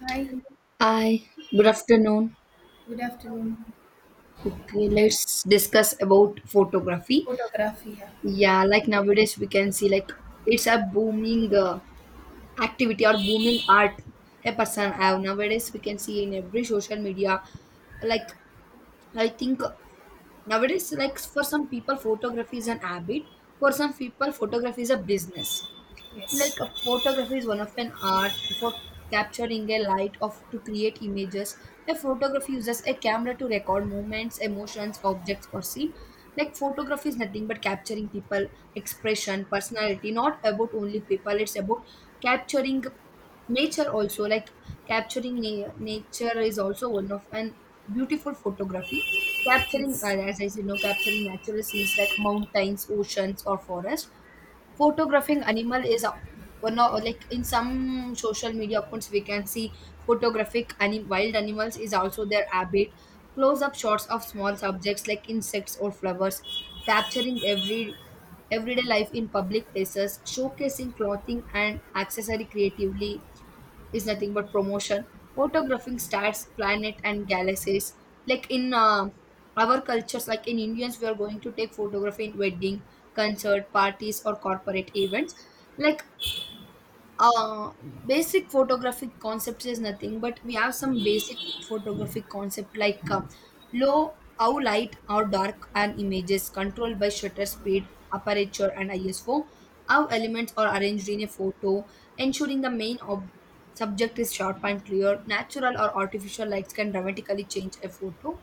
Hi, Hi, good afternoon. good afternoon. Okay, let's discuss about photography. Photography, yeah, Yeah, like nowadays we can see like it's a booming activity or booming art a person yeah, have. Nowadays we can see in every social media. Like, I think nowadays, like for some people photography is an habit. For some people photography is a business. Like, yes, a photography is one of an art for capturing a light of to create images. A photography uses a camera to record movements, emotions, objects or scene. Like, photography is nothing but capturing people expression, personality. Not about only people, it's about capturing nature also. Like capturing nature is also one of an beautiful photography. Capturing, yes, as I said, capturing natural scenes like mountains, oceans or forest. Photographing animal is one of, like in some social media accounts we can see wild animals is also their habit. Close-up shots of small subjects like insects or flowers, capturing everyday life in public places, showcasing clothing and accessory creatively is nothing but promotion. Photographing stars, planet and galaxies, like in our cultures, like in Indians we are going to take photography in wedding, concert, parties or corporate events. Like uh, basic photographic concepts is nothing but we have some basic photographic concept like low how light or dark an image is controlled by shutter speed, aperture and ISO. How elements are arranged in a photo, ensuring the main subject is sharp and clear. Natural or artificial lights can dramatically change a photo.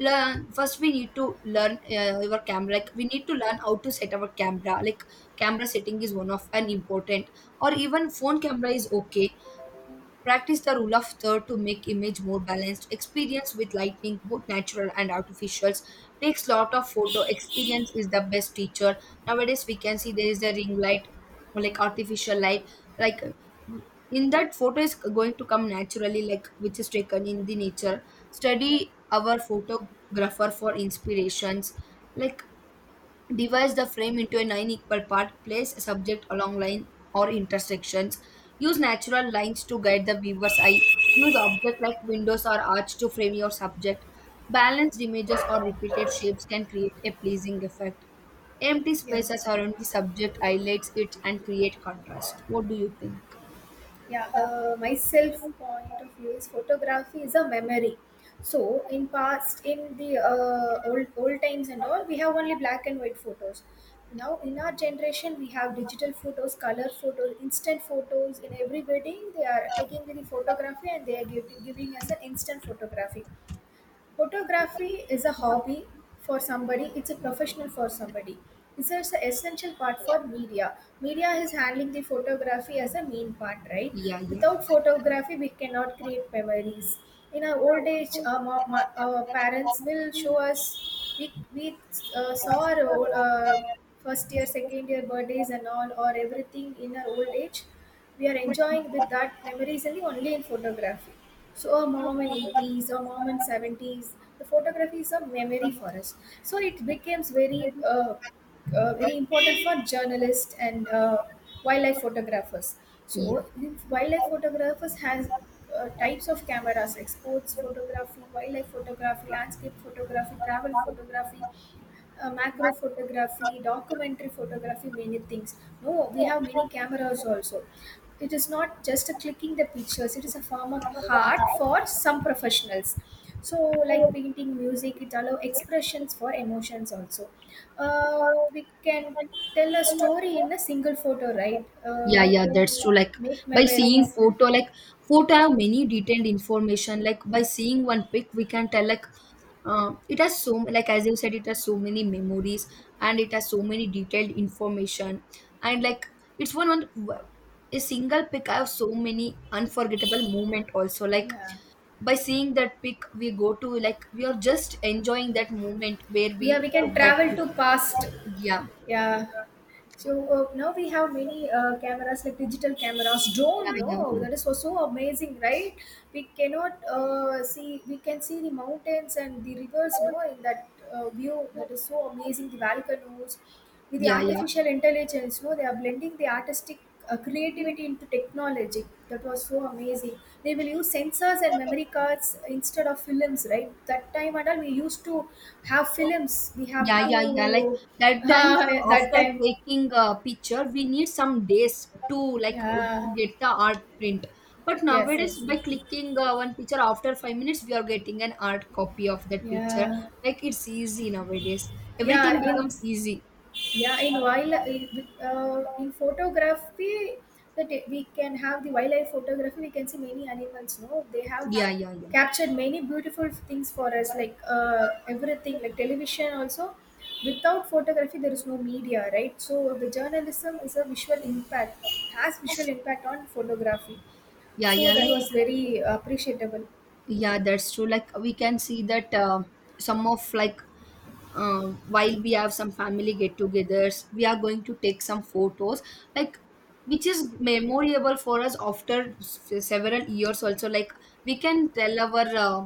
Learn, first we need to learn your camera. Like we need to learn how to set our camera. Like camera setting is one of an important, or even phone camera is okay. Practice the rule of third to make image more balanced. Experience with lighting, both natural and artificials, takes lot of photo. Experience is the best teacher. Nowadays we can see there is a ring light, like artificial light, like mm, in that photo is going to come naturally, like which is taken in the nature. yeah, Study our photographer for inspirations. Like, divide the frame into a nine equal part. Place a subject along line or intersections. Use natural lines to guide the viewer's eye. Use objects like windows or arch to frame your subject. Balanced images or repeated shapes can create a pleasing effect. Empty yeah, spaces around the subject highlights it and create contrast. What do you think? yeah. My self point of view is photography is a memory. So in past, in the old times and all, we have only black and white photos. Now in our generation, we have digital photos, color photos, instant photos. In every wedding, they are taking the photography and they are giving us an instant photography. Photography is a hobby for somebody, it's a professional for somebody. It's just an essential part for media. Media is handling the photography as a main part, right? Yeah, yeah, Without photography, we cannot create memories. In our old age, our, our parents will show us, we saw our old, first year, second year birthdays and all, or everything in our old age we are enjoying with that memories only in photography. So a mom in 80s, a mom in 70s, the photography is a memory for us. So it becomes uh, very important for journalists and wildlife photographers. yeah. So wildlife photographers has types of cameras like sports photography, wildlife photography, landscape photography, travel photography, macro photography, documentary photography, many things. No, we have many cameras also. It is not just a clicking the pictures, it is a form of art for some professionals. So, like painting, music, it allows expressions for emotions also. Uh, we can tell a story in a single photo, right? Yeah, We yeah, can that's true. Like, make by seeing memories. photo, like photo have many detailed information. Like by seeing one pic, we can tell like it has so, like as you said, it has so many memories and it has so many detailed information. And like it's one one a single pic, I have so many unforgettable moment also. Like Yeah. by seeing that pic, we go to like we are just enjoying that moment where Yeah, we we can took that. travel pic. to past. Yeah, Yeah. So now we have many cameras like digital cameras, yeah, drone. yeah, No, yeah, that is so amazing, right? We cannot see. We can see the mountains and the rivers. No, in that view, that is so amazing. The volcanoes with the yeah. Yeah. artificial intelligence. No, they are blending the artistic creativity into technology. That was so amazing. They will use sensors and memory cards instead of films, right? That time and all we used to have films. We have Yeah, yeah, yeah. Like to that time, that after time, taking a picture, we need some days to like to yeah, get the art print. But yes, nowadays, yes, by yes. clicking one picture after 5 minutes, we are getting an art copy of that picture. Yeah, Like it's easy nowadays. Everything yeah. In becomes easy. Yeah, in wild in photography, that we can have the wildlife photography. We can see many animals. No, they have Yeah, yeah, yeah, captured many beautiful things for us, like everything, like television also. Without photography, there is no media, right? So the journalism is a visual impact, has visual impact on photography. yeah, So yeah. that Like was very appreciable. yeah, that's true. Like we can see that some of like while we have some family get-togethers we are going to take some photos like which is memorable for us after several years also. Like we can tell our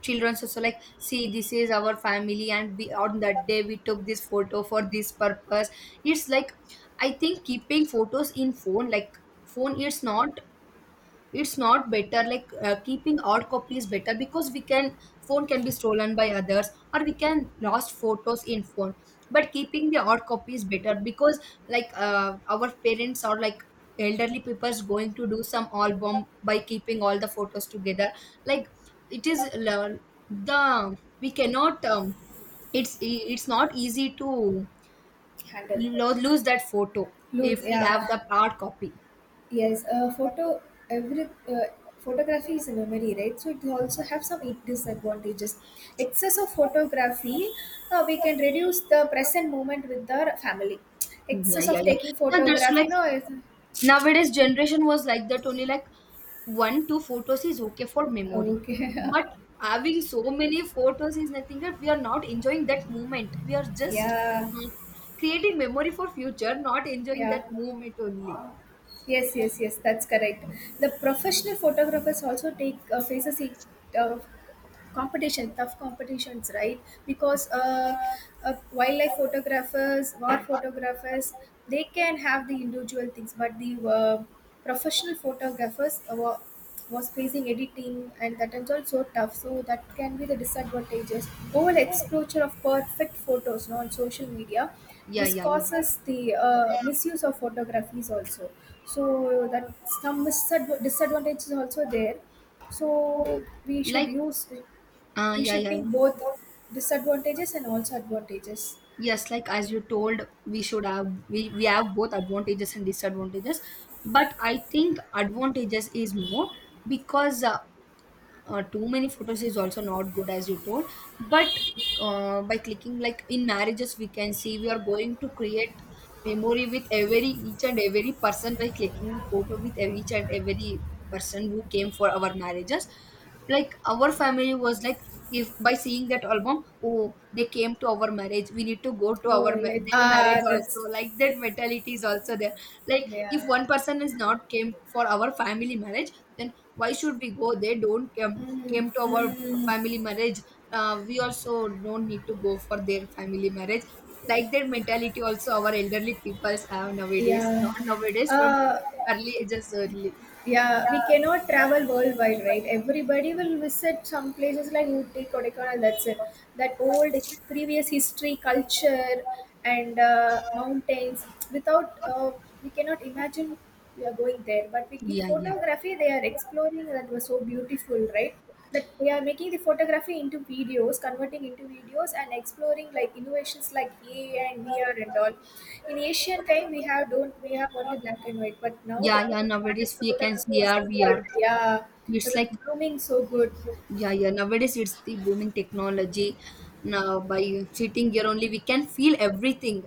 children also, like see this is our family and we, on that day we took this photo for this purpose. It's like, I think keeping photos in phone, like phone, it's not better, like keeping hard copy is better because we can, phone can be stolen by others or we can lost photos in phone. But keeping the hard copy is better because like our parents or like elderly people is going to do some album by keeping all the photos together. Like it is the we cannot it's not easy to Handle. Lose that photo if Good, we yeah. have the hard copy. Yes, every uh, photography is a memory, right? So it also have some disadvantages. Excess of photography, we can reduce the present moment with the family. Yeah, Excess yeah, of yeah, taking yeah, that's photograph, like is nowadays generation was like that only, like one two photos is okay for memory. okay. But having so many photos is nothing, that we are not enjoying that moment, we are just Yeah, uh, creating memory for future, not enjoying yeah. that moment only. Yes, yes, yes. That's correct. The professional photographers also take uh, competition, tough competitions, right? Because wildlife photographers, war photographers, they can have the individual things, but the professional photographers was facing editing and that is also tough, so that can be the disadvantages. Over exposure of perfect photos, no, on social media Yeah, this yeah, yeah. causes the misuse of photographies also. So that some disadvantages also there, so we should Like, use, we yeah, should yeah. think both disadvantages and also advantages. Yes, like as you told, we should have, we have both advantages and disadvantages. But I think advantages is more because too many photos is also not good, as you told. But by clicking, like in marriages we can see we are going to create memory with every each and every person by clicking the photo with each and every person who came for our marriages. Like our family was like, if by seeing that album, oh they came to our marriage, we need to go to Oh, our yeah. their marriage Ah, also, that's like that mentality is also there. Like if yeah. one person is not came for our family marriage, then why should we go? They don't come, Mm, came to our mm, family marriage, we also don't need to go for their family marriage. Like their mentality also, our elderly peoples have nowadays, yeah. not nowadays, from Uh, early ages, early. yeah. We cannot travel worldwide, right? Everybody will visit some places like Ooty, Kodaikanal. That's it. That old previous history, culture, and mountains. Without, we cannot imagine we are going there. But we in Yeah. Yeah, photography, they are exploring. That was so beautiful, right? That we are making the photography into videos, converting into videos and exploring like innovations like AI and VR and all. In ancient time we have don't we have only black and white, but now yeah, the yeah, digital art and nowadays we can photography see, was yeah, we are, evolved, yeah. It it's was like, blooming so good. yeah, yeah, nowadays it's the booming technology. Now by sitting here only we can feel everything,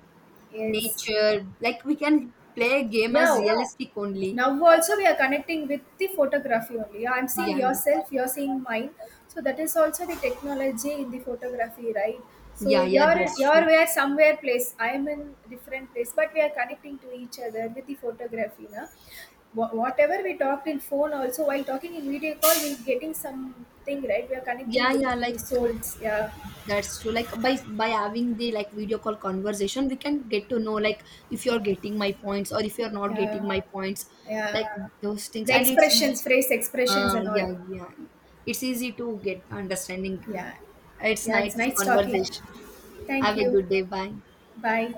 Yes, nature. Like we can play a game as yeah. realistic only. Now also we are connecting with the photography only. I'm seeing Yeah, yeah, yourself, you're seeing mine. So that is also the technology in the photography, right? So yeah, yeah, you're that's you're true. where somewhere place. I'm in different place, but we are connecting to each other with the photography, na? Whatever we talked in phone, also while talking in video call, we're getting something, right? We are connecting Yeah, with yeah, the like souls, yeah, that's true. Like by having the like video call conversation we can get to know like if you're getting my points or if you're not getting yeah, my points, like. yeah. Yeah. Those things, The and it's easy. expressions, phrase expressions, and all, yeah, yeah, it's easy to get understanding. yeah, It's yeah. It's nice nice talking. conversation. Thank Have a you. good day, bye. Bye.